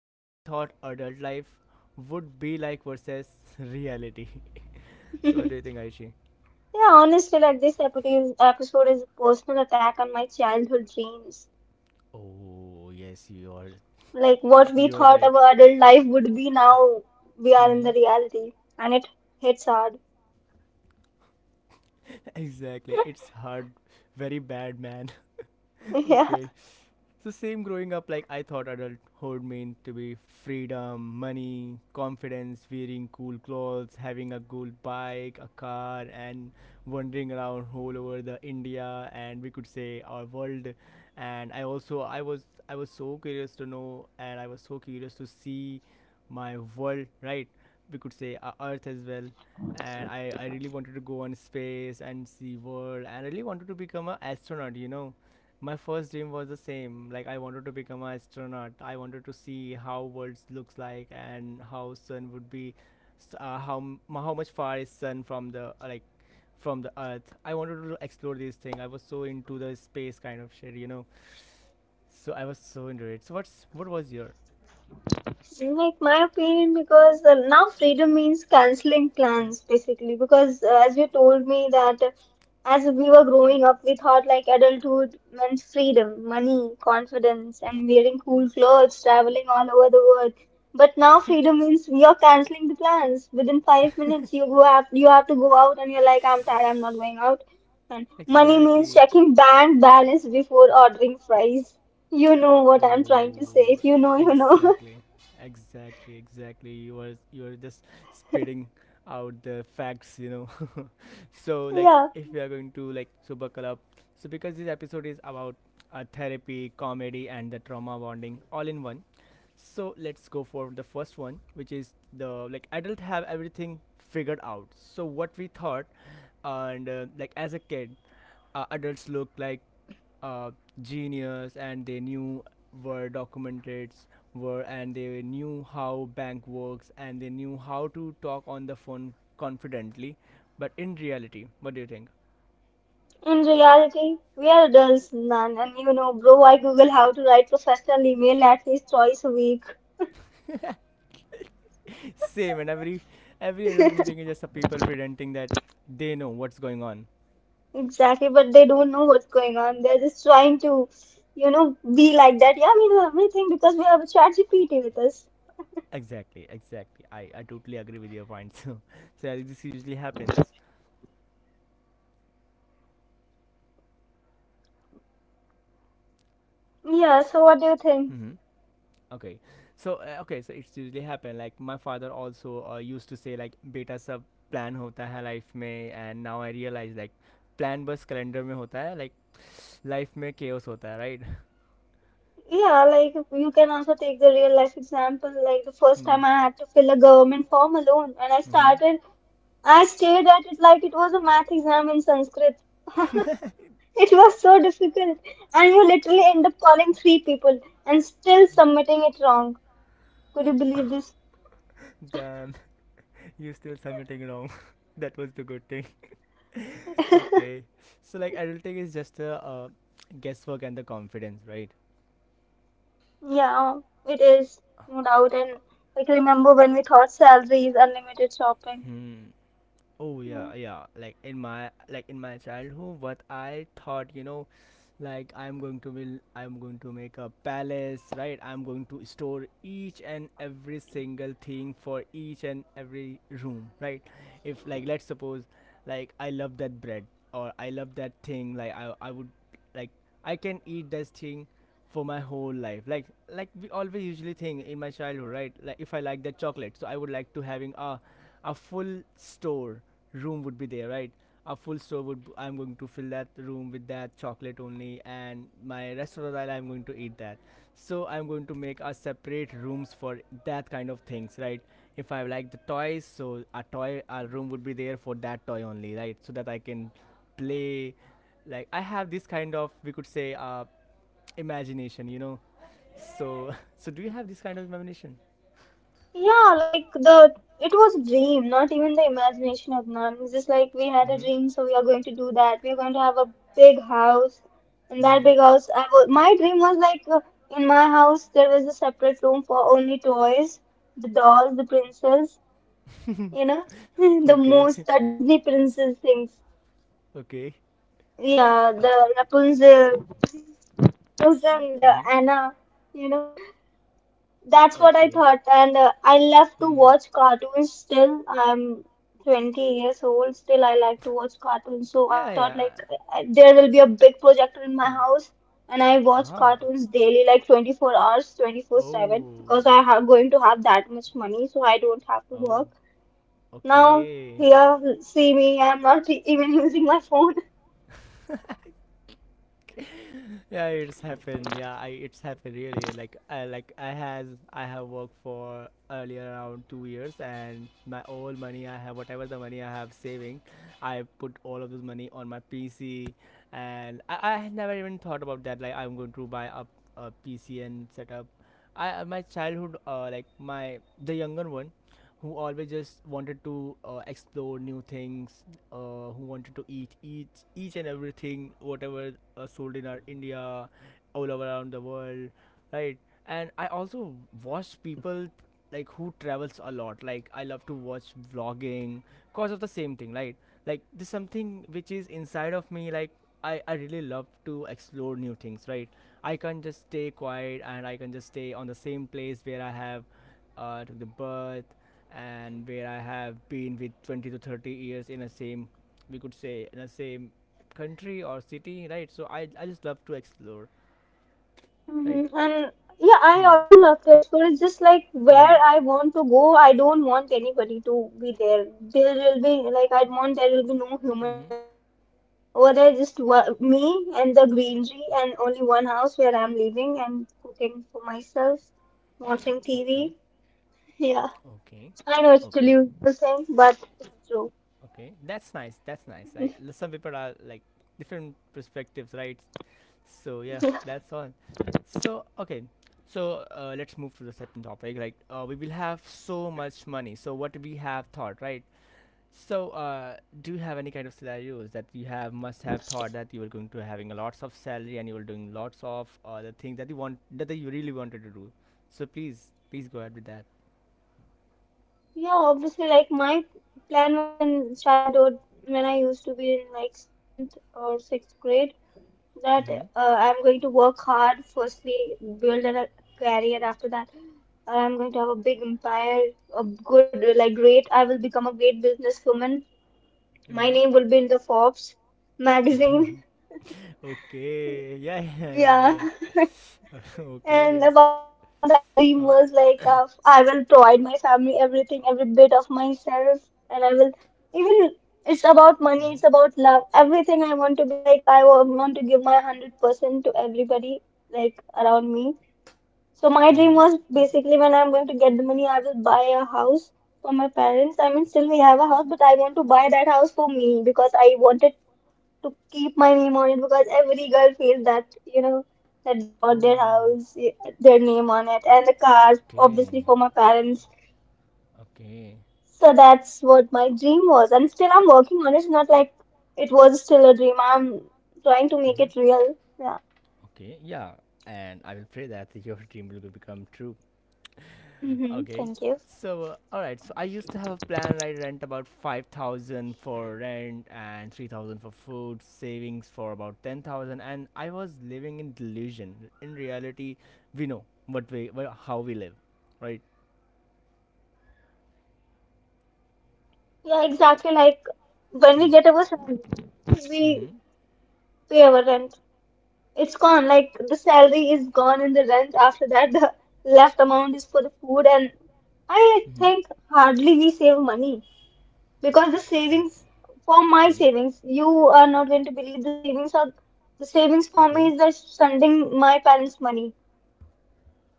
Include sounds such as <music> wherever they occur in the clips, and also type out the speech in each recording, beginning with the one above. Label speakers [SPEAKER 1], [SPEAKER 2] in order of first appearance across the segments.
[SPEAKER 1] things we thought adult life would be like versus <laughs> reality. <laughs> What do you think, Aishi?
[SPEAKER 2] Yeah, honestly, like this episode is a personal attack on my childhood dreams.
[SPEAKER 1] Oh, yes, you are.
[SPEAKER 2] Like what we
[SPEAKER 1] You are
[SPEAKER 2] thought
[SPEAKER 1] right.
[SPEAKER 2] our adult life would be now, we are in the
[SPEAKER 1] Mm-hmm.
[SPEAKER 2] reality, and it hits hard.
[SPEAKER 1] <laughs> Exactly. It's hard, very bad, man.
[SPEAKER 2] <laughs>
[SPEAKER 1] <laughs>
[SPEAKER 2] Yeah.
[SPEAKER 1] okay. So same growing up, like I thought adulthood meant to be freedom, money, confidence, wearing cool clothes, having a cool bike, a car, and wandering around all over the India, and we could say our world. And I was so curious to know, and I was so curious to see my world, right? We could say our Earth as well. And I really wanted to go on space and see world, and I really wanted to become an astronaut, you know, my first dream was the same, like I wanted to become an astronaut, I wanted to see how worlds looks like, and how sun would be how much far is sun from the like from the earth. I wanted to explore these thing. I was so into the space kind of shit, you know, so I was so into it. So what was your
[SPEAKER 2] Like my opinion, because now freedom means canceling plans basically. Because as you told me that as we were growing up, we thought like adulthood meant freedom, money, confidence, and wearing cool clothes, traveling all over the world. But now freedom means we are canceling the plans. Within 5 minutes, you go up, you have to go out, and you're like, I'm tired, I'm not going out. And money means
[SPEAKER 1] exactly.
[SPEAKER 2] checking bank balance before ordering fries. You know what I'm trying to say.
[SPEAKER 1] Oh,
[SPEAKER 2] If you know, you know.
[SPEAKER 1] exactly, exactly, you were just spitting out the facts, you know. So like
[SPEAKER 2] <laughs>
[SPEAKER 1] if we are going to like so buckle up. So because this episode is about therapy, comedy, and the trauma bonding all in one. So let's go for the first one, which is the like adults have everything figured out. So what we thought, and like as a kid, adults look like uh, genius, and they knew where documentates were, and they knew how bank works, and they knew how to talk on the phone confidently, but in reality, what do you think?
[SPEAKER 2] In reality, we are adults, man. And you know, bro, I Google how to write professional email at least 2 times a week.
[SPEAKER 1] <laughs> Same, and every adult meeting is just a people pretending that they know what's going on.
[SPEAKER 2] Exactly, but they don't know what's going on. They're just trying to, you know, be like that. Yeah, we know everything because we have a chat GPT with us.
[SPEAKER 1] Exactly, I totally agree with your point. <laughs> So so yeah, this usually happens.
[SPEAKER 2] Yeah, so what do you think?
[SPEAKER 1] Mm-hmm. okay so okay, so it's usually happen, like my father also used to say like बेटा सब plan होता है life में and now I realize like plan बस calendar में होता है like life में केओस होता है right.
[SPEAKER 2] Yeah, like you can also take the real life example. Like the first time I had to fill a government form alone, and I started, I stared at it like it was a math exam in Sanskrit. It was so difficult, and you literally end up calling 3 people and still submitting it wrong. Could you believe this?
[SPEAKER 1] Damn, <laughs> you still submitting wrong. <laughs> That was the good thing. <laughs> Okay, so like adulting is just a guesswork and the confidence, right?
[SPEAKER 2] Yeah, it is, no doubt.
[SPEAKER 1] Uh,
[SPEAKER 2] And like, remember when we thought salary is unlimited shopping?
[SPEAKER 1] Hmm. Oh yeah,
[SPEAKER 2] Mm.
[SPEAKER 1] yeah. Like in my, like in my childhood, what I thought, you know, like I'm going to build, I'm going to make a palace, right? I'm going to store each and every single thing for each and every room, right? If like let's suppose, like I love that bread or I love that thing, like I would like I can eat this thing for my whole life, like we always usually think in my childhood, right? Like if I like that chocolate, so I would like to having a full store room would be there, right? A full store would. I'm going to fill that room with that chocolate only, and my rest of the while I'm going to eat that. So I'm going to make a separate rooms for that kind of things, right? If I like the toys, so a toy, a room would be there for that toy only, right? So that I can play. Like I have this kind of, we could say, imagination, you know. So, <laughs> so do you have this kind of imagination?
[SPEAKER 2] Yeah, like the it was a dream, not even the imagination of none. It's just like we had a
[SPEAKER 1] Mm-hmm.
[SPEAKER 2] dream, so we are going to do that. We are going to have a big house. In that
[SPEAKER 1] Mm-hmm.
[SPEAKER 2] big house, my dream was like in my house there was a separate room for only toys, the dolls, the princess. You know, <laughs> the
[SPEAKER 1] Okay.
[SPEAKER 2] most Disney princess things.
[SPEAKER 1] <laughs> Okay.
[SPEAKER 2] Yeah, the Rapunzel, Frozen, the
[SPEAKER 1] Mm-hmm.
[SPEAKER 2] Anna, you know. That's what I
[SPEAKER 1] Okay.
[SPEAKER 2] thought. And I love to
[SPEAKER 1] Mm-hmm.
[SPEAKER 2] watch cartoons still. I'm 20 years old. Still, I like to watch cartoons. So I
[SPEAKER 1] Yeah,
[SPEAKER 2] thought,
[SPEAKER 1] yeah.
[SPEAKER 2] like, there will be a big projector in my
[SPEAKER 1] Hmm.
[SPEAKER 2] house. And I watch
[SPEAKER 1] Ah.
[SPEAKER 2] cartoons daily, like 24 hours, 24/7,
[SPEAKER 1] Oh.
[SPEAKER 2] because I have going to have that much money, so I don't have to
[SPEAKER 1] Oh.
[SPEAKER 2] work. Now
[SPEAKER 1] Okay.
[SPEAKER 2] here, see me. I'm not even using my phone.
[SPEAKER 1] <laughs> Yeah, it's happened. Yeah, I it's happened really. Like I has I have worked for earlier around 2 years, and my all money I have, whatever the money I have saving, I put all of this money on my PC, and I had never even thought about that. Like I'm going to buy a PC and set up. I my childhood like my the younger one who always just wanted to explore new things, who wanted to eat each and everything whatever sold in our India, all around the world, right? And I also watch people like who travels a lot. Like I love to watch vlogging, cause of the same thing, right? Like there's something which is inside of me, like. I really love to explore new things, right? I can not just stay quiet, and I can just stay on the same place where I have to the birth, and where I have been with 20 to 30 years in the same, we could say, in the same country or city, right? So I just love to explore, right?
[SPEAKER 2] Hmm And yeah, I
[SPEAKER 1] Hmm.
[SPEAKER 2] also love to explore. It's just like where
[SPEAKER 1] Mm-hmm.
[SPEAKER 2] I want to go, I don't want anybody to be there. There will be like I want there will be no human
[SPEAKER 1] Mm-hmm.
[SPEAKER 2] beings over there, just me and the greenery and only one house where I'm living and cooking for myself, watching TV.
[SPEAKER 1] Okay.
[SPEAKER 2] Yeah,
[SPEAKER 1] Okay.
[SPEAKER 2] I know
[SPEAKER 1] <laughs>
[SPEAKER 2] it's
[SPEAKER 1] Okay.
[SPEAKER 2] delusional thing, but it's true.
[SPEAKER 1] Okay. That's nice. That's nice. Right. L- Some people are like different perspectives, right? So yeah, that's all. So okay. So let's move to the second topic. Like we will have so much money. So what we have thought, right? So, do you have any kind of scenarios that you have must have thought that you were going to having a lots of salary, and you were doing lots of the thing that you want that you really wanted to do? So please, please go ahead with that.
[SPEAKER 2] Yeah, obviously, like my plan was in childhood when I used to be in like 7th or 6th grade that
[SPEAKER 1] Mm-hmm.
[SPEAKER 2] I'm going to work hard, firstly, build a career after that. I'm going to have a big empire, a good, like, great. I will become a great businesswoman. My name will be in the Forbes
[SPEAKER 1] Mm-hmm.
[SPEAKER 2] magazine. <laughs>
[SPEAKER 1] <laughs> Okay. Yeah. Yeah. Yeah. Yeah.
[SPEAKER 2] Yeah.
[SPEAKER 1] <laughs> Okay. Yes.
[SPEAKER 2] And apart from that, the dream
[SPEAKER 1] Huh.
[SPEAKER 2] was like, I will provide my family everything, every bit of myself, and I will even it's about money,
[SPEAKER 1] Mm-hmm.
[SPEAKER 2] it's about love, everything. I want to be like, want to give my 100% to everybody like around me. So my dream
[SPEAKER 1] Mm-hmm.
[SPEAKER 2] was basically when I'm going to get the money, I will buy a house for my parents. I mean, still we have a house, but I want to buy that house for me because I wanted to keep my name on it because every girl feels that, you know, that they bought their
[SPEAKER 1] Oh.
[SPEAKER 2] house, eh, their name on it, and the car,
[SPEAKER 1] Okay.
[SPEAKER 2] obviously for my parents.
[SPEAKER 1] Okay.
[SPEAKER 2] So that's what my dream was. And still I'm working on it. It's not like it was still a dream. I'm trying to make
[SPEAKER 1] Mm-hmm.
[SPEAKER 2] it real. Yeah.
[SPEAKER 1] Okay. Yeah. And I will pray that your <laughs> dream will become true.
[SPEAKER 2] hmm
[SPEAKER 1] Okay.
[SPEAKER 2] Thank you.
[SPEAKER 1] So, all right. So, I used to have a plan I rent about 5,000 for rent and 3,000 for food, savings for about 10,000, and I was living in delusion. In reality, we know what we how we live, right?
[SPEAKER 2] Yeah, exactly. Like when we
[SPEAKER 1] Hmm.
[SPEAKER 2] get our salary, we
[SPEAKER 1] Mhm.
[SPEAKER 2] pay our rent. It's gone. Like the salary is gone in the rent. After that, the left amount is for the food, and I
[SPEAKER 1] Mhm.
[SPEAKER 2] think hardly we save money because the savings
[SPEAKER 1] Exactly.
[SPEAKER 2] for my
[SPEAKER 1] Hmm.
[SPEAKER 2] savings, you are not going to believe the savings for me
[SPEAKER 1] Okay.
[SPEAKER 2] is just sending my parents' money.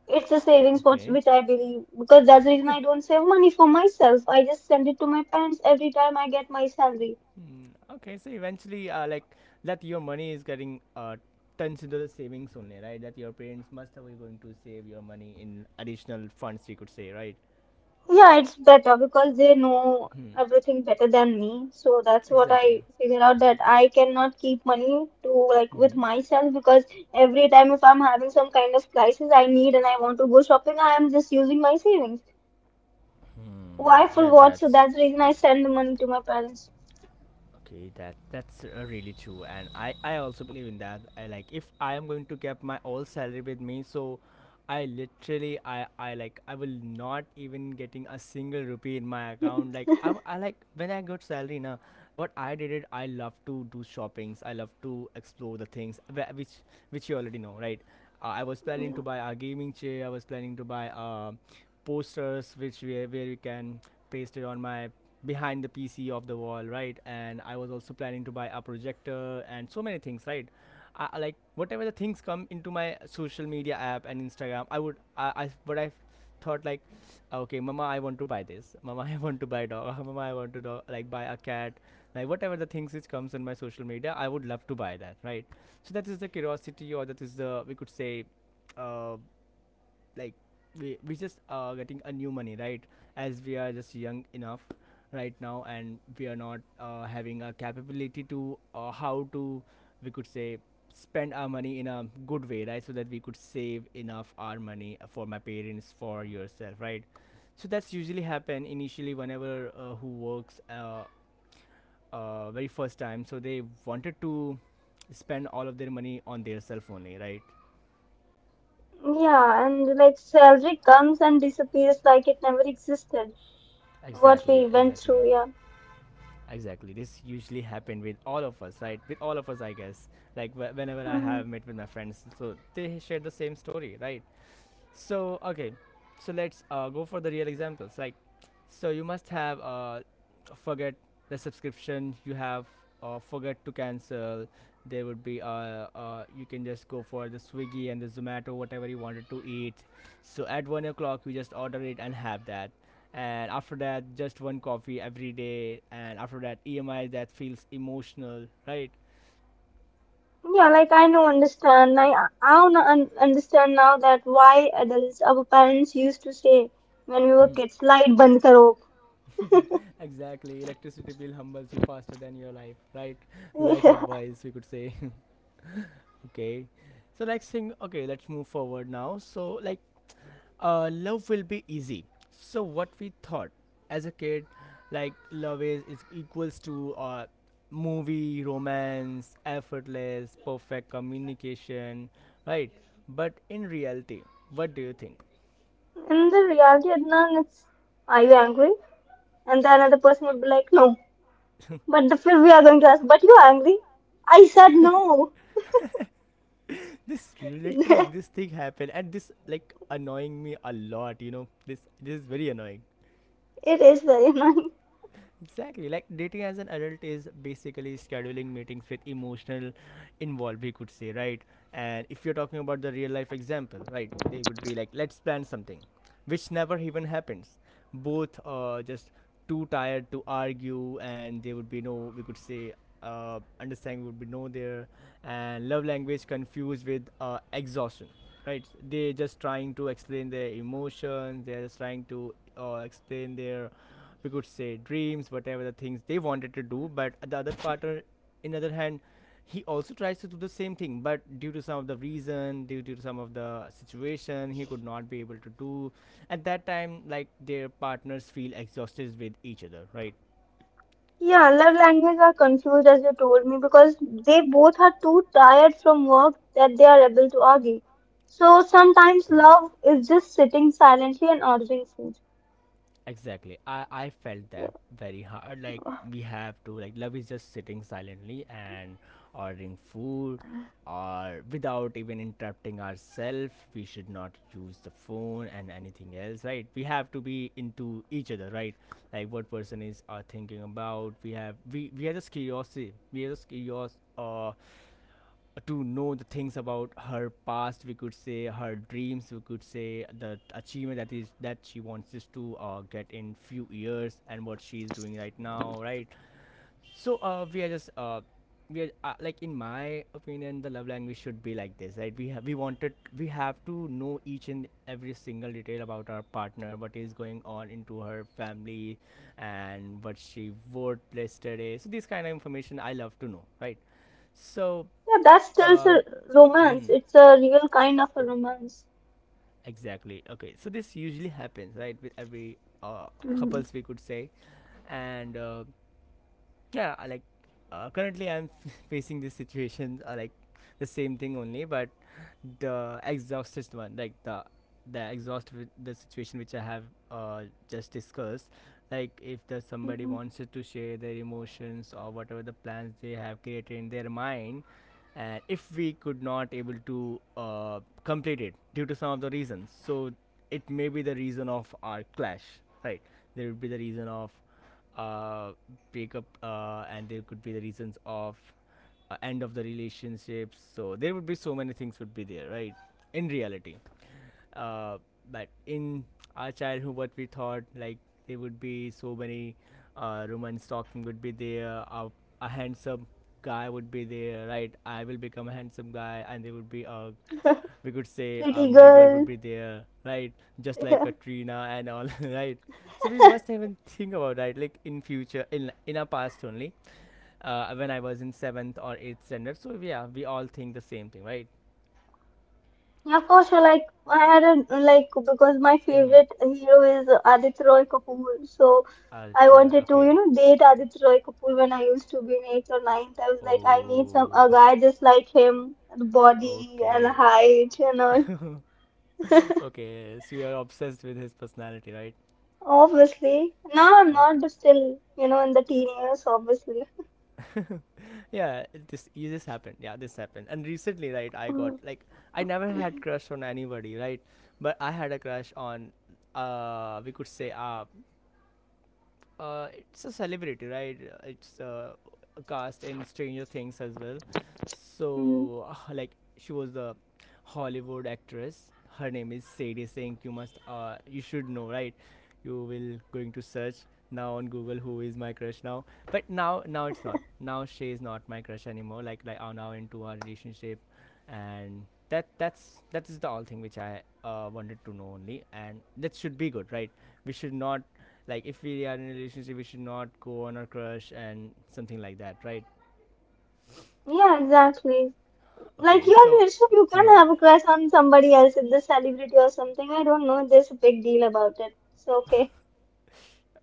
[SPEAKER 2] It's the savings what
[SPEAKER 1] Okay.
[SPEAKER 2] which I believe because that's the reason I
[SPEAKER 1] <laughs>
[SPEAKER 2] don't save money for myself. I just send it to my parents every time I get my salary.
[SPEAKER 1] Hmm, okay, so eventually, like that, your money is getting turns into the savings only, right? That your parents must have been going to save your money in additional funds, we could say, right?
[SPEAKER 2] Yeah, it's better because they know
[SPEAKER 1] Hmm.
[SPEAKER 2] everything better than me. So that's what
[SPEAKER 1] Exactly.
[SPEAKER 2] I figured out that I cannot keep money to like with
[SPEAKER 1] Mm-hmm.
[SPEAKER 2] myself because every time if I'm having some kind of crisis I need and I want to go shopping, I am just using my savings. Why
[SPEAKER 1] Hmm.
[SPEAKER 2] for
[SPEAKER 1] Yeah,
[SPEAKER 2] what? So
[SPEAKER 1] that's
[SPEAKER 2] that's the reason I send the money to my parents.
[SPEAKER 1] okay, that that's really true, and I also believe in that. I like if I am going to keep my all salary with me, so I literally I will not even getting a single rupee in my account. Like I like when I got salary, na what I did it. I love to do shoppings. I love to explore the things which which you already know, right? I was planning to
[SPEAKER 2] Yeah.
[SPEAKER 1] buy a gaming chair. I was planning to buy posters which where we can paste it on my behind the PC of the wall, right? And I was also planning to buy a projector and so many things, right? I like whatever the things come into my social media app and Instagram, I what I thought like, okay, mama, I want to buy this. Mama, <laughs> I want to buy dog. <laughs> Mama, I want to dog, like buy a cat. Like whatever the things which comes in my social media, I would love to buy that, right? So that is the curiosity, or that is the we could say. Uh, like we just getting a new money, right? As we are just young enough right now, and we are not having a capability to how to we could say spend our money in a good way, right? So that we could save enough our money for my parents, for yourself, right? So that's usually happen initially whenever who works very first time, so they wanted to spend all of their money on their self only, right?
[SPEAKER 2] Yeah, and like salary comes and disappears like it never existed. What
[SPEAKER 1] Exactly,
[SPEAKER 2] we went
[SPEAKER 1] exactly
[SPEAKER 2] through, yeah.
[SPEAKER 1] exactly this usually happened with all of us, right? With all of us I guess. Like whenever I
[SPEAKER 2] Mhm.
[SPEAKER 1] have met with my friends, so they share the same story, right? So okay, so let's go for the real examples. Like, so you must have forget the subscription you have, forget to cancel. There would be you can just go for the Swiggy and the Zomato, whatever you wanted to eat. So at 1 o'clock you just order it and have that. And after that, just one coffee every day. And after that, EMI that feels emotional, right?
[SPEAKER 2] Yeah, like I do understand. Like I now un understand now that why adults, our parents used to say when we were
[SPEAKER 1] Hmm.
[SPEAKER 2] kids, light band karo.
[SPEAKER 1] Exactly, electricity bill humbles you faster than your life, right?
[SPEAKER 2] <laughs>
[SPEAKER 1] <laughs>
[SPEAKER 2] In
[SPEAKER 1] Life advice, we could say. <laughs> okay, so next thing, okay, let's move forward now. So, like, love will be easy. So, what we thought as a kid, like, love is, equals to movie, romance, effortless, perfect communication, right? But in reality, what do you think?
[SPEAKER 2] the reality, Adnan, it's are you angry? And the another person would be like, no. But the we are going to ask, but you're angry? I said no.
[SPEAKER 1] <laughs> this literally this
[SPEAKER 2] <laughs>
[SPEAKER 1] thing happened, and this like annoying me a lot, you know this is very annoying.
[SPEAKER 2] It is very <laughs> annoying.
[SPEAKER 1] Exactly. Like dating as an adult is basically scheduling meetings with emotional involved, we could say, right? And if you're talking about the real life example, right, they would be like, let's plan something, which never even happens. Both are just too tired to argue, and there would be no, we could say, understanding would be no there, and love language confused with exhaustion, right? They're just trying to explain their emotions, they're just trying to explain their, we could say, dreams, whatever the things they wanted to do, but the other partner in other hand, he also tries to do the same thing, but due to some of the reason, due to some of the situation, he could not be able to do at that time. Like their partners feel exhausted with each other, right?
[SPEAKER 2] Yeah, love language are confused as you told me because they both are too tired from work that they are able to argue. So sometimes love is just sitting silently and ordering food.
[SPEAKER 1] Exactly. I felt
[SPEAKER 2] Yeah,
[SPEAKER 1] that very hard. Like, we have to, like, love is just sitting silently and ordering food, or without even interrupting ourselves, we should not use the phone and anything else, right? We have to be into each other, right? Like what person is thinking about, we have, we are just curiosity, we are just curious, to know the things about her past, we could say, her dreams, we could say, the achievement that is that she wants us to get in few years, and what she is doing right now, right? So we are just we are, like, in my opinion, the love language should be like this, right? We have, we wanted, we have to know each and every single detail about our partner, what is going on into her family, and what she voted yesterday. So this kind of information I love to know, right? so
[SPEAKER 2] yeah that's still
[SPEAKER 1] um,
[SPEAKER 2] a romance.
[SPEAKER 1] hmm,
[SPEAKER 2] It's a real kind of a romance.
[SPEAKER 1] exactly. Okay, so this usually happens, right, with every
[SPEAKER 2] Mm.
[SPEAKER 1] couples, we could say, and yeah, I like, currently I'm <laughs> facing this situation, like the same thing only, but the exhausted one, like the exhaust with the situation which I have uh, just discussed. Like if the somebody
[SPEAKER 2] Mhm.
[SPEAKER 1] wants to share their emotions or whatever the plans they have created in their mind, and if we could not able to complete it due to some of the reasons, so it may be the reason of our clash, right? There would be the reason of uh, breakup, and there could be the reasons of end of the relationships. So there would be so many things would be there, right? In reality, uh, but in our childhood, what we thought, like, there would be so many Roman stocking would be there, a handsome guy would be there, right? I will become a handsome guy, and there would be a, we could
[SPEAKER 2] <laughs>
[SPEAKER 1] say,
[SPEAKER 2] Pretty
[SPEAKER 1] my girl would
[SPEAKER 2] girl.
[SPEAKER 1] be there, right? Just like Katrina and all, <laughs> right? So we
[SPEAKER 2] <laughs>
[SPEAKER 1] must even think about, right, like, in future, in our past only, when I was in seventh or eighth standard. So yeah, we all think the same thing, right?
[SPEAKER 2] Yeah, for sure. Like I had a like because my
[SPEAKER 1] Mm-hmm.
[SPEAKER 2] favorite hero is Aditya Roy Kapoor, so I
[SPEAKER 1] Altera,
[SPEAKER 2] wanted to
[SPEAKER 1] okay.
[SPEAKER 2] you know date Aditya Roy Kapoor when I used to be in eighth or ninth. I was like, I need some
[SPEAKER 1] Oh,
[SPEAKER 2] a
[SPEAKER 1] <laughs>
[SPEAKER 2] guy just like him, the body and
[SPEAKER 1] okay.
[SPEAKER 2] height and
[SPEAKER 1] <laughs>
[SPEAKER 2] all.
[SPEAKER 1] Okay, so you're obsessed with his personality, right?
[SPEAKER 2] Obviously, now I'm
[SPEAKER 1] Okay.
[SPEAKER 2] not, but still, you know, in the teen years, obviously.
[SPEAKER 1] <laughs> Yeah, this happened. Yeah, this happened. And recently, right, I got like, I never had crush on anybody, right? But I had a crush on, we could say it's a celebrity, right? It's a cast in Stranger Things as well.
[SPEAKER 2] Mm-hmm.
[SPEAKER 1] So, like, she was a Hollywood actress. Her name is Sadie Sink. You must, you should know, right? You will going to search now on Google who is my crush now. But now, now it's not. Now she is not my crush anymore. Like, I'm now into our relationship, and that is the all thing which I wanted to know only, and that should be good, right? We should not, like, if we are in a relationship, we should not go on our crush and something like that, right?
[SPEAKER 2] Yeah, exactly. Like
[SPEAKER 1] okay so
[SPEAKER 2] your are so you can
[SPEAKER 1] uh-huh.
[SPEAKER 2] have a crush on somebody else, if they celebrity or something. I don't know. There's a big deal about it. It's okay.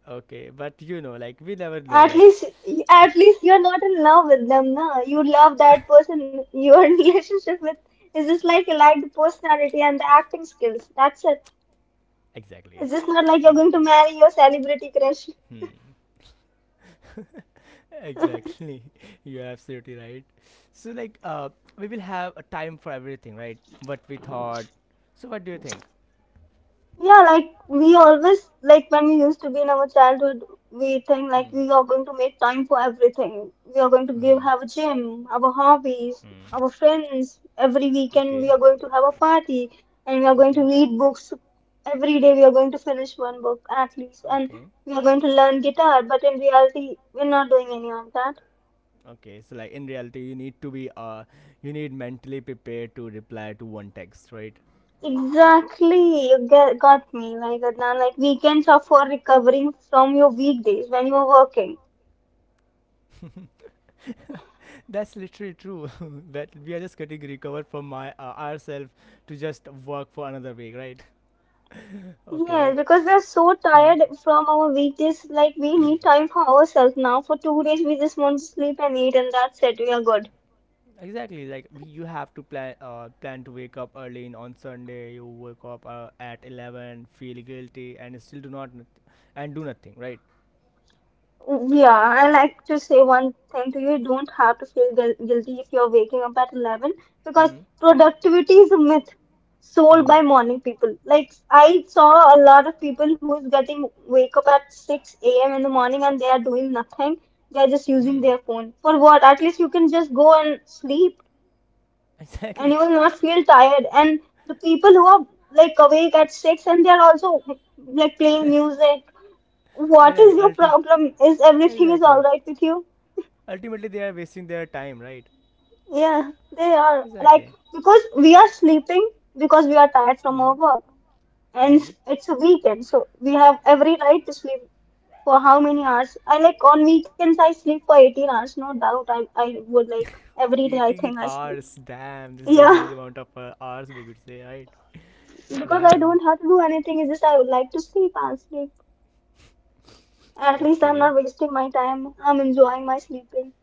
[SPEAKER 1] Okay but you know, like, we never know,
[SPEAKER 2] At
[SPEAKER 1] like,
[SPEAKER 2] least, at least you're not in love with them, na. You love that person. Your <laughs> relationship with is just like you like the personality and the acting skills. That's it.
[SPEAKER 1] exactly,
[SPEAKER 2] It's just not like you're going to
[SPEAKER 1] exactly.
[SPEAKER 2] marry your celebrity crush.
[SPEAKER 1] Hmm. <laughs> Exactly. <laughs> You're absolutely right. So we will have a time for everything, right? What we thought? So what do you think?
[SPEAKER 2] Yeah, like we always like when we used to be in our childhood, we think like we
[SPEAKER 1] hmm
[SPEAKER 2] are going to make time for everything. We are going to give
[SPEAKER 1] mm-hmm.
[SPEAKER 2] have a gym, our hobbies,
[SPEAKER 1] hmm
[SPEAKER 2] our friends. Every weekend
[SPEAKER 1] okay,
[SPEAKER 2] we are going to have a party and we are going
[SPEAKER 1] okay,
[SPEAKER 2] to read books. Every day we are going to finish one book at least and
[SPEAKER 1] okay,
[SPEAKER 2] we are going to learn guitar, but in reality we're not doing any of that.
[SPEAKER 1] okay. So like, in reality, you need to be you need mentally prepared to reply to one text, right?
[SPEAKER 2] Exactly, you get, got me. Like Adnan, like weekends are for recovering from your weekdays when you are working.
[SPEAKER 1] That's literally true. <laughs> That we are just getting recovered from my ourselves to just work for another week, right? <laughs>
[SPEAKER 2] Yeah,
[SPEAKER 1] Okay.
[SPEAKER 2] because we are so
[SPEAKER 1] Hmm.
[SPEAKER 2] tired from our weekdays, like we need time for ourselves now. For 2 days, we just want to sleep and eat, and that's it. We are good.
[SPEAKER 1] Exactly. You have to plan, plan to wake up early on Sunday. You wake up at 11, feel guilty, and still do not noth- and do nothing, right?
[SPEAKER 2] Yeah, I like to say one thing to you. You don't have to feel guilty if you're waking up at 11 because
[SPEAKER 1] Hmm.
[SPEAKER 2] productivity is a myth sold
[SPEAKER 1] Hmm.
[SPEAKER 2] by morning people. Like I saw a lot of people who is getting wake up at 6 a.m. in the morning and they are doing nothing. They're just using
[SPEAKER 1] Hmm. <laughs>
[SPEAKER 2] their phone. For what? At least you can just go and sleep. And you
[SPEAKER 1] Exactly.
[SPEAKER 2] will not feel tired. And the people who are like awake at six and they are also like playing music. What
[SPEAKER 1] Exactly.
[SPEAKER 2] is your
[SPEAKER 1] Ulti-
[SPEAKER 2] problem? Is everything is all
[SPEAKER 1] exactly.
[SPEAKER 2] right with you?
[SPEAKER 1] Ultimately, they are wasting their time, right?
[SPEAKER 2] Yeah, they are like
[SPEAKER 1] Exactly.
[SPEAKER 2] because we are sleeping because we are tired from our
[SPEAKER 1] Hmm.
[SPEAKER 2] work and
[SPEAKER 1] Hmm.
[SPEAKER 2] it's a weekend, so we have every right to sleep for how many hours? I like on weekends I sleep for 18 hours, no doubt. I would like every day I
[SPEAKER 1] 18
[SPEAKER 2] think I sleep.
[SPEAKER 1] hours. Damn, this is a huge
[SPEAKER 2] Yeah,
[SPEAKER 1] amount of hours, we could say, right?
[SPEAKER 2] <laughs>
[SPEAKER 1] <laughs>
[SPEAKER 2] because I
[SPEAKER 1] Damn.
[SPEAKER 2] don't have to do anything. It's just I would like to sleep. I'll sleep. At least I'm
[SPEAKER 1] Okay,
[SPEAKER 2] not wasting my time. I'm enjoying my sleeping.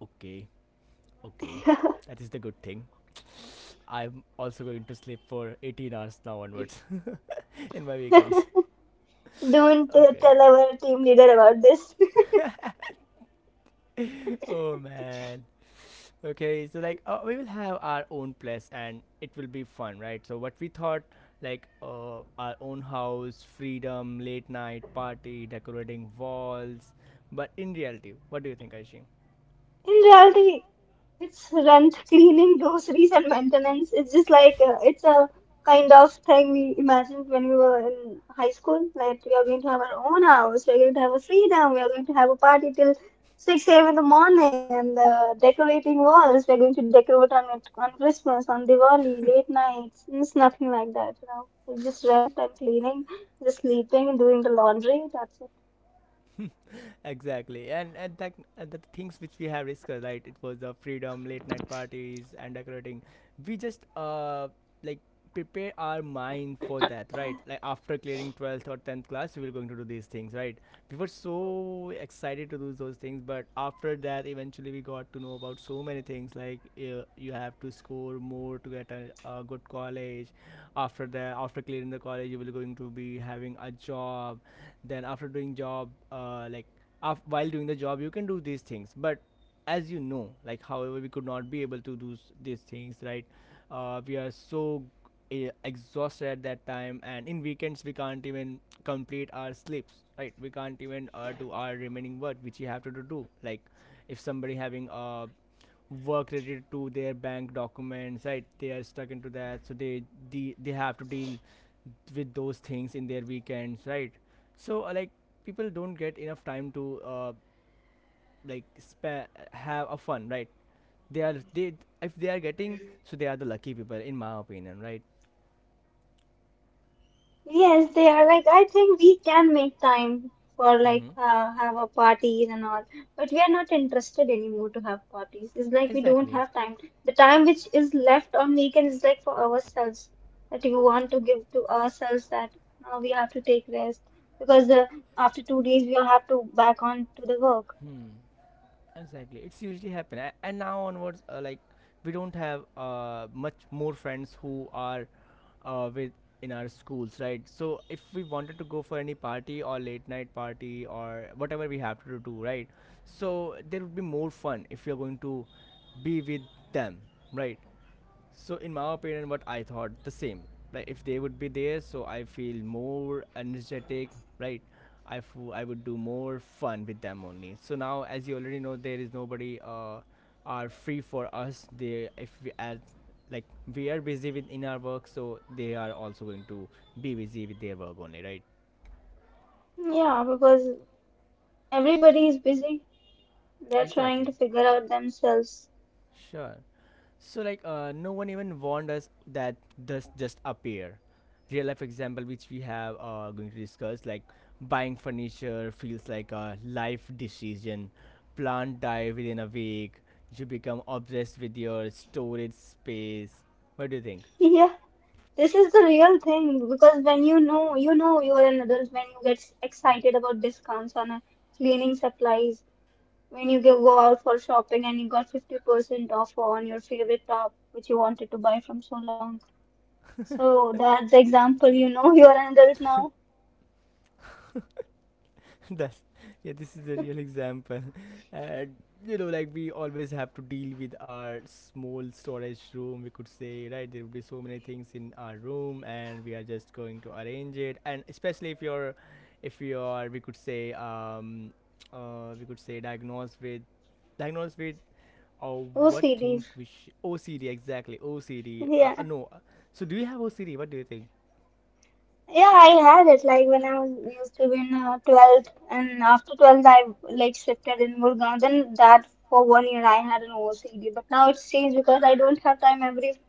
[SPEAKER 1] okay, okay.
[SPEAKER 2] <laughs>
[SPEAKER 1] That is the good thing. I'm also going to sleep for 18 hours now onwards <laughs> in my weekends.
[SPEAKER 2] Don't
[SPEAKER 1] Okay.
[SPEAKER 2] tell our team leader about this.
[SPEAKER 1] <laughs> Oh man. Okay, so we will have our own place and it will be fun, right? So what we thought? Like, our own house, freedom, late night party, decorating walls, but in reality, what do you think, Aishin?
[SPEAKER 2] In reality, it's rent, cleaning, groceries, and maintenance. It's just like it's a kind of thing we imagined when we were in high school. Like we are going to have our own house, we are going to have a freedom, we are going to have a party till 6 a.m. in the morning, and decorating walls. We are going to decorate on it on Christmas, on Diwali, late nights. It's nothing like that, you know. It's just rent and cleaning, just sleeping, doing the laundry. That's it.
[SPEAKER 1] <laughs> Exactly. And that, and the things which we have discussed, right? It was the freedom, late night parties, and decorating. We just like prepare our mind for that, right? Like after clearing 12th or 10th class, we were going to do these things, right? We were so excited to do those things, but after that, eventually we got to know about so many things, like, you have to score more to get a good college. After that, after clearing the college, you will going to be having a job. Then after doing job, like, while doing the job you can do these things, but as you know, like, however, we could not be able to do these things, right? We are so exhausted at that time, and in weekends we can't even complete our sleeps, right? We can't even do our remaining work which you have to do. Like, if somebody having work related to their bank documents, right, they are stuck into that, so they they have to deal with those things in their weekends, right? So like, people don't get enough time to like, spare, have a fun, right? They are they if they are getting, so they are the lucky people in my opinion, right?
[SPEAKER 2] Yes, they are like I think we can make time for
[SPEAKER 1] Mm-hmm.
[SPEAKER 2] have a parties and all, but we are not interested anymore to have parties. It's like we don't
[SPEAKER 1] Exactly.
[SPEAKER 2] have time. The time which is left on weekends is like for ourselves that we want to give to ourselves that now we have to take rest because after 2 days we all have to back on to the work.
[SPEAKER 1] Hmm. Exactly. It's usually happen. And now onwards, like, we don't have much more friends who are with in our schools, right? So if we wanted to go for any party or late night party or whatever we have to do, right, so there would be more fun if you're going to be with them, right? So in my opinion, what I thought the same. Like if they would be there, so I feel more energetic, right? I would do more fun with them only. So now, as you already know, there is nobody are free for us. They if we as like we are busy with in our work, so they are also going to be busy with their work only, right?
[SPEAKER 2] Yeah, because everybody is busy. They're trying to
[SPEAKER 1] Exactly.
[SPEAKER 2] figure out themselves.
[SPEAKER 1] Sure. So like, no one even warned us that does just appear. Real life example which we have going to discuss, like, buying furniture feels like a life decision. Plant die within a week. You become obsessed with your storage space. What do you think?
[SPEAKER 2] <laughs> This is the real thing because when you know, you know you are an adult, when you get excited about discounts on a cleaning supplies, when you go out for shopping and you got 50% off on your favorite top which you wanted to buy from so long. So that's the example, you know, <laughs> you are an adult now.
[SPEAKER 1] <laughs> That's yeah. This is a real example, <laughs> and you know, like, we always have to deal with our small storage room, we could say, right? There would be so many things in our room, and we are just going to arrange it. And especially if you're, if you are, we could say, we could say, diagnosed with, or what
[SPEAKER 2] OCD.
[SPEAKER 1] thing we sh- OCD, exactly, OCD.
[SPEAKER 2] Yeah.
[SPEAKER 1] No, so do you have OCD? What do you think?
[SPEAKER 2] Yeah, I had it like when I was used to be in 12th, and after 12th I like shifted in Gurgaon. Then that for one year I had an OCD, but now it's changed because I don't have time every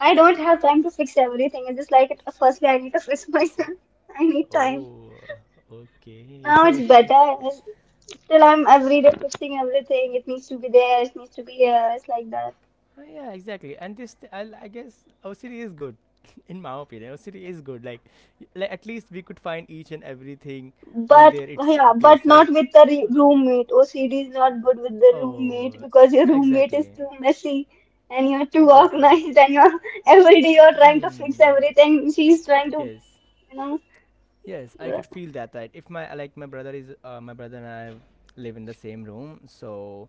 [SPEAKER 2] I don't have time to fix everything. It's just like, it. Firstly, I need to fix <laughs> myself.
[SPEAKER 1] Oh,
[SPEAKER 2] I need time.
[SPEAKER 1] oh,
[SPEAKER 2] Now it's
[SPEAKER 1] okay. <laughs>
[SPEAKER 2] better. It's- still, I'm every day fixing everything. It needs to be there. It needs to be here. It's like that.
[SPEAKER 1] Yeah, exactly. I'll, I guess, OCD is good, <laughs> in my opinion. OCD is good. Like, like, at least we could find each and everything on
[SPEAKER 2] But
[SPEAKER 1] there. It's a
[SPEAKER 2] yeah, but
[SPEAKER 1] place, right?
[SPEAKER 2] not with the re roommate. OCD is not good with the roommate
[SPEAKER 1] Oh,
[SPEAKER 2] because your roommate is
[SPEAKER 1] exactly,
[SPEAKER 2] too messy and you're too
[SPEAKER 1] exactly.
[SPEAKER 2] organized, and you're <laughs> every day you're trying to fix
[SPEAKER 1] Hmm.
[SPEAKER 2] everything. She's trying to,
[SPEAKER 1] Yes,
[SPEAKER 2] you know.
[SPEAKER 1] yes. I could feel that. Right. If my, like, my brother is, my brother and I live in the same room, so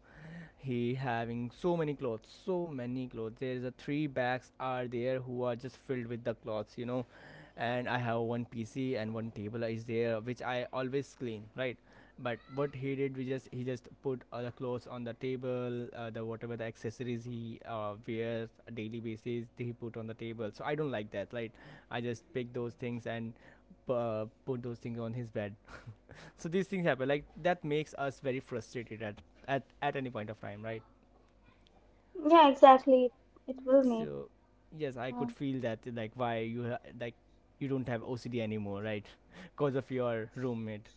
[SPEAKER 1] he having so many clothes, so many clothes, there's a three bags are there who are just filled with the clothes, you know. And I have one pc and one table is there which I always clean, right? But what he did, we just he just put other clothes on the table, the whatever the accessories he wears a daily basis, he put on the table, so I don't like that, right? I just pick those things and put those things on his bed. <laughs> So these things happen, like that makes us very frustrated at at any point of time, right?
[SPEAKER 2] Yeah, exactly. It will make.
[SPEAKER 1] So yes, I could
[SPEAKER 2] Yeah.
[SPEAKER 1] feel that. Like, like, you don't have OCD anymore, right? <laughs> Because of your roommate.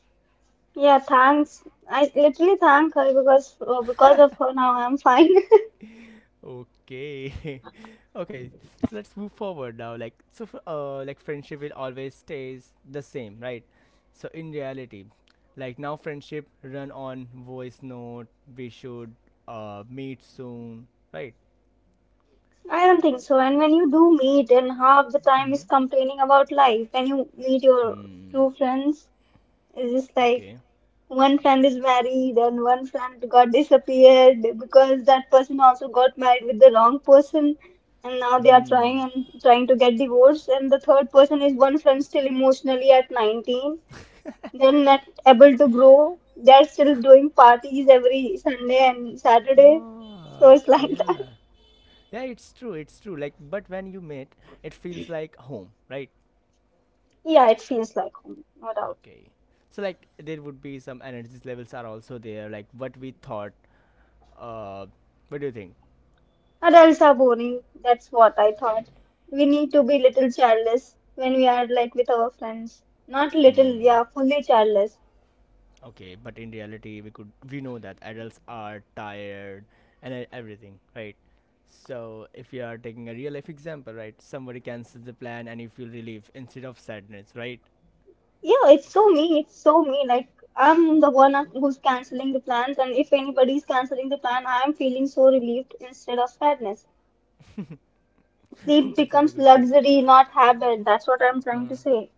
[SPEAKER 2] Yeah, thanks. I literally thank her because of her now I'm fine.
[SPEAKER 1] Okay. <laughs> Okay, so let's move forward now. Like, so like, friendship will always stays the same, right? So in reality, like, now friendship run on voice note, we should meet soon, right?
[SPEAKER 2] <laughs> I don't think so. And when you do meet, and half the time
[SPEAKER 1] Mm-hmm.
[SPEAKER 2] is complaining about life. When you meet your
[SPEAKER 1] Hmm.
[SPEAKER 2] true friends, it's just like
[SPEAKER 1] Okay.
[SPEAKER 2] one friend is married and one friend got disappeared because that person also got married with the wrong person, and now they are
[SPEAKER 1] Hmm.
[SPEAKER 2] trying and trying to get divorced. And the third person is one friend still emotionally at 19. They're not able to grow. They're still doing parties every Sunday and Saturday. So
[SPEAKER 1] Ah
[SPEAKER 2] it's like <laughs> that.
[SPEAKER 1] yeah. Yeah, it's true. It's true. Like, but when you meet, it feels like home, right?
[SPEAKER 2] Yeah, it feels like home, no doubt.
[SPEAKER 1] Okay. So like, there would be some energies levels are also there. Like, what we thought. Uh, what do you think?
[SPEAKER 2] Adults are boring. That's what I thought. We need to be
[SPEAKER 1] Okay.
[SPEAKER 2] little childless when we are like with our friends. Not little,
[SPEAKER 1] Hmm.
[SPEAKER 2] yeah, fully childless.
[SPEAKER 1] Okay, but in reality, we could, we know that adults are tired and everything, right? So if you are taking a real life example, right? Somebody cancels the plan and you feel relief instead of sadness, right?
[SPEAKER 2] Yeah, it's so me. It's so me. Like I'm the one who's canceling the plans, and if anybody is canceling the plan, I am feeling so relieved instead of sadness.
[SPEAKER 1] <laughs>
[SPEAKER 2] Sleep
[SPEAKER 1] That is the
[SPEAKER 2] becomes
[SPEAKER 1] good thing.
[SPEAKER 2] luxury, not habit. That's what I'm trying to
[SPEAKER 1] Hmm.
[SPEAKER 2] say.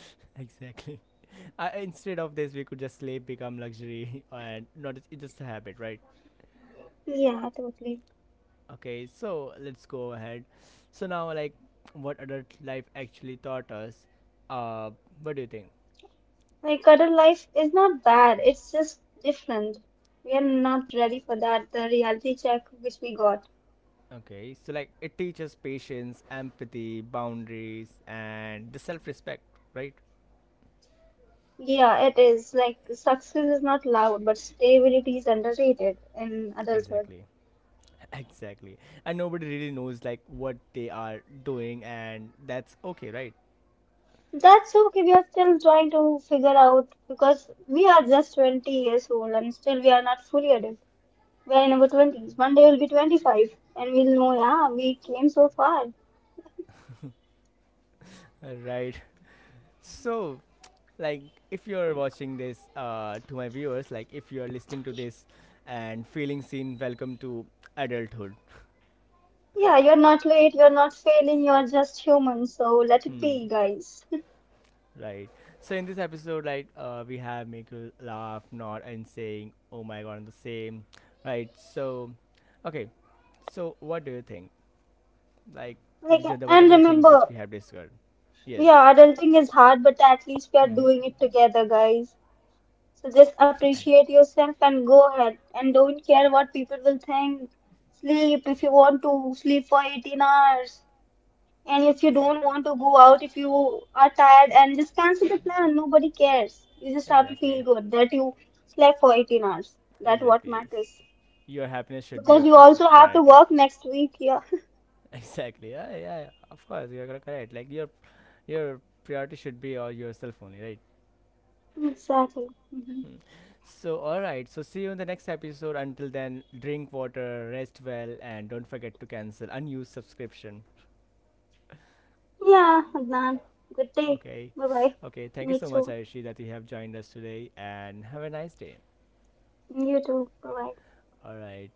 [SPEAKER 1] <laughs> Exactly. Instead of this, we could just sleep become luxury <laughs> and not, it's just a habit, right?
[SPEAKER 2] Yeah, totally.
[SPEAKER 1] Okay, so let's go ahead. So now, like, what adult life actually taught us? Uh, what do you think?
[SPEAKER 2] Like adult life is not bad. It's just different. We are not ready for that. The reality check which we got.
[SPEAKER 1] Okay, so like, it teaches patience, empathy, boundaries, and the self-respect, right?
[SPEAKER 2] Yeah, it is. Like success is not loud, but stability is underrated in adulthood.
[SPEAKER 1] Exactly, <laughs> exactly. And nobody really knows like what they are doing, and that's okay, right?
[SPEAKER 2] That's okay. We are still trying to figure out because we are just 20 years old and still we are not fully adult. We are in our 20s. One day we'll be 25 and we'll know, yeah, we came so far.
[SPEAKER 1] Right. So like, if you're watching this, to my viewers, like, if you're listening to this and feeling seen, welcome to adulthood.
[SPEAKER 2] Yeah, you're not late, you're not failing, you're just human, so let it
[SPEAKER 1] Hmm.
[SPEAKER 2] be, guys. <laughs>
[SPEAKER 1] Right. So in this episode, like, we have make you laugh not and saying oh my god and the same, right? So okay, so what do you think, like,
[SPEAKER 2] Like,
[SPEAKER 1] which are the
[SPEAKER 2] and
[SPEAKER 1] whatever the things which
[SPEAKER 2] remember,
[SPEAKER 1] we have discussed? Yes.
[SPEAKER 2] yeah, adulting is hard, but at least we are
[SPEAKER 1] Hmm.
[SPEAKER 2] doing it together, guys. So just
[SPEAKER 1] <laughs>
[SPEAKER 2] appreciate yourself and go ahead, and don't care what people will think. Sleep if you want to, sleep for 18 hours. And if you don't want to go out, if you are tired, and just cancel the plan, nobody cares. You
[SPEAKER 1] <coughs>
[SPEAKER 2] just have to feel
[SPEAKER 1] Exactly.
[SPEAKER 2] good that you slept for 18 hours. That what
[SPEAKER 1] Exactly.
[SPEAKER 2] matters.
[SPEAKER 1] Your happiness should be
[SPEAKER 2] Because
[SPEAKER 1] your
[SPEAKER 2] you
[SPEAKER 1] first
[SPEAKER 2] also have to
[SPEAKER 1] priority.
[SPEAKER 2] work next week, yeah. <laughs>
[SPEAKER 1] <laughs> Exactly. Yeah, yeah, yeah. Of course, you're gonna correct. Like, your priority should be all yourself only, right?
[SPEAKER 2] Exactly. Hmm.
[SPEAKER 1] Hmm. So, all right. So, see you in the next episode. Until then, drink water, rest well, and don't forget to cancel unused subscription.
[SPEAKER 2] Yeah, Adnan. Good day.
[SPEAKER 1] Okay.
[SPEAKER 2] Bye bye.
[SPEAKER 1] Okay. Thank you
[SPEAKER 2] Me
[SPEAKER 1] so much,
[SPEAKER 2] too.
[SPEAKER 1] Ayushi, that you have joined us today, and have a nice day.
[SPEAKER 2] You too. Bye bye.
[SPEAKER 1] All right.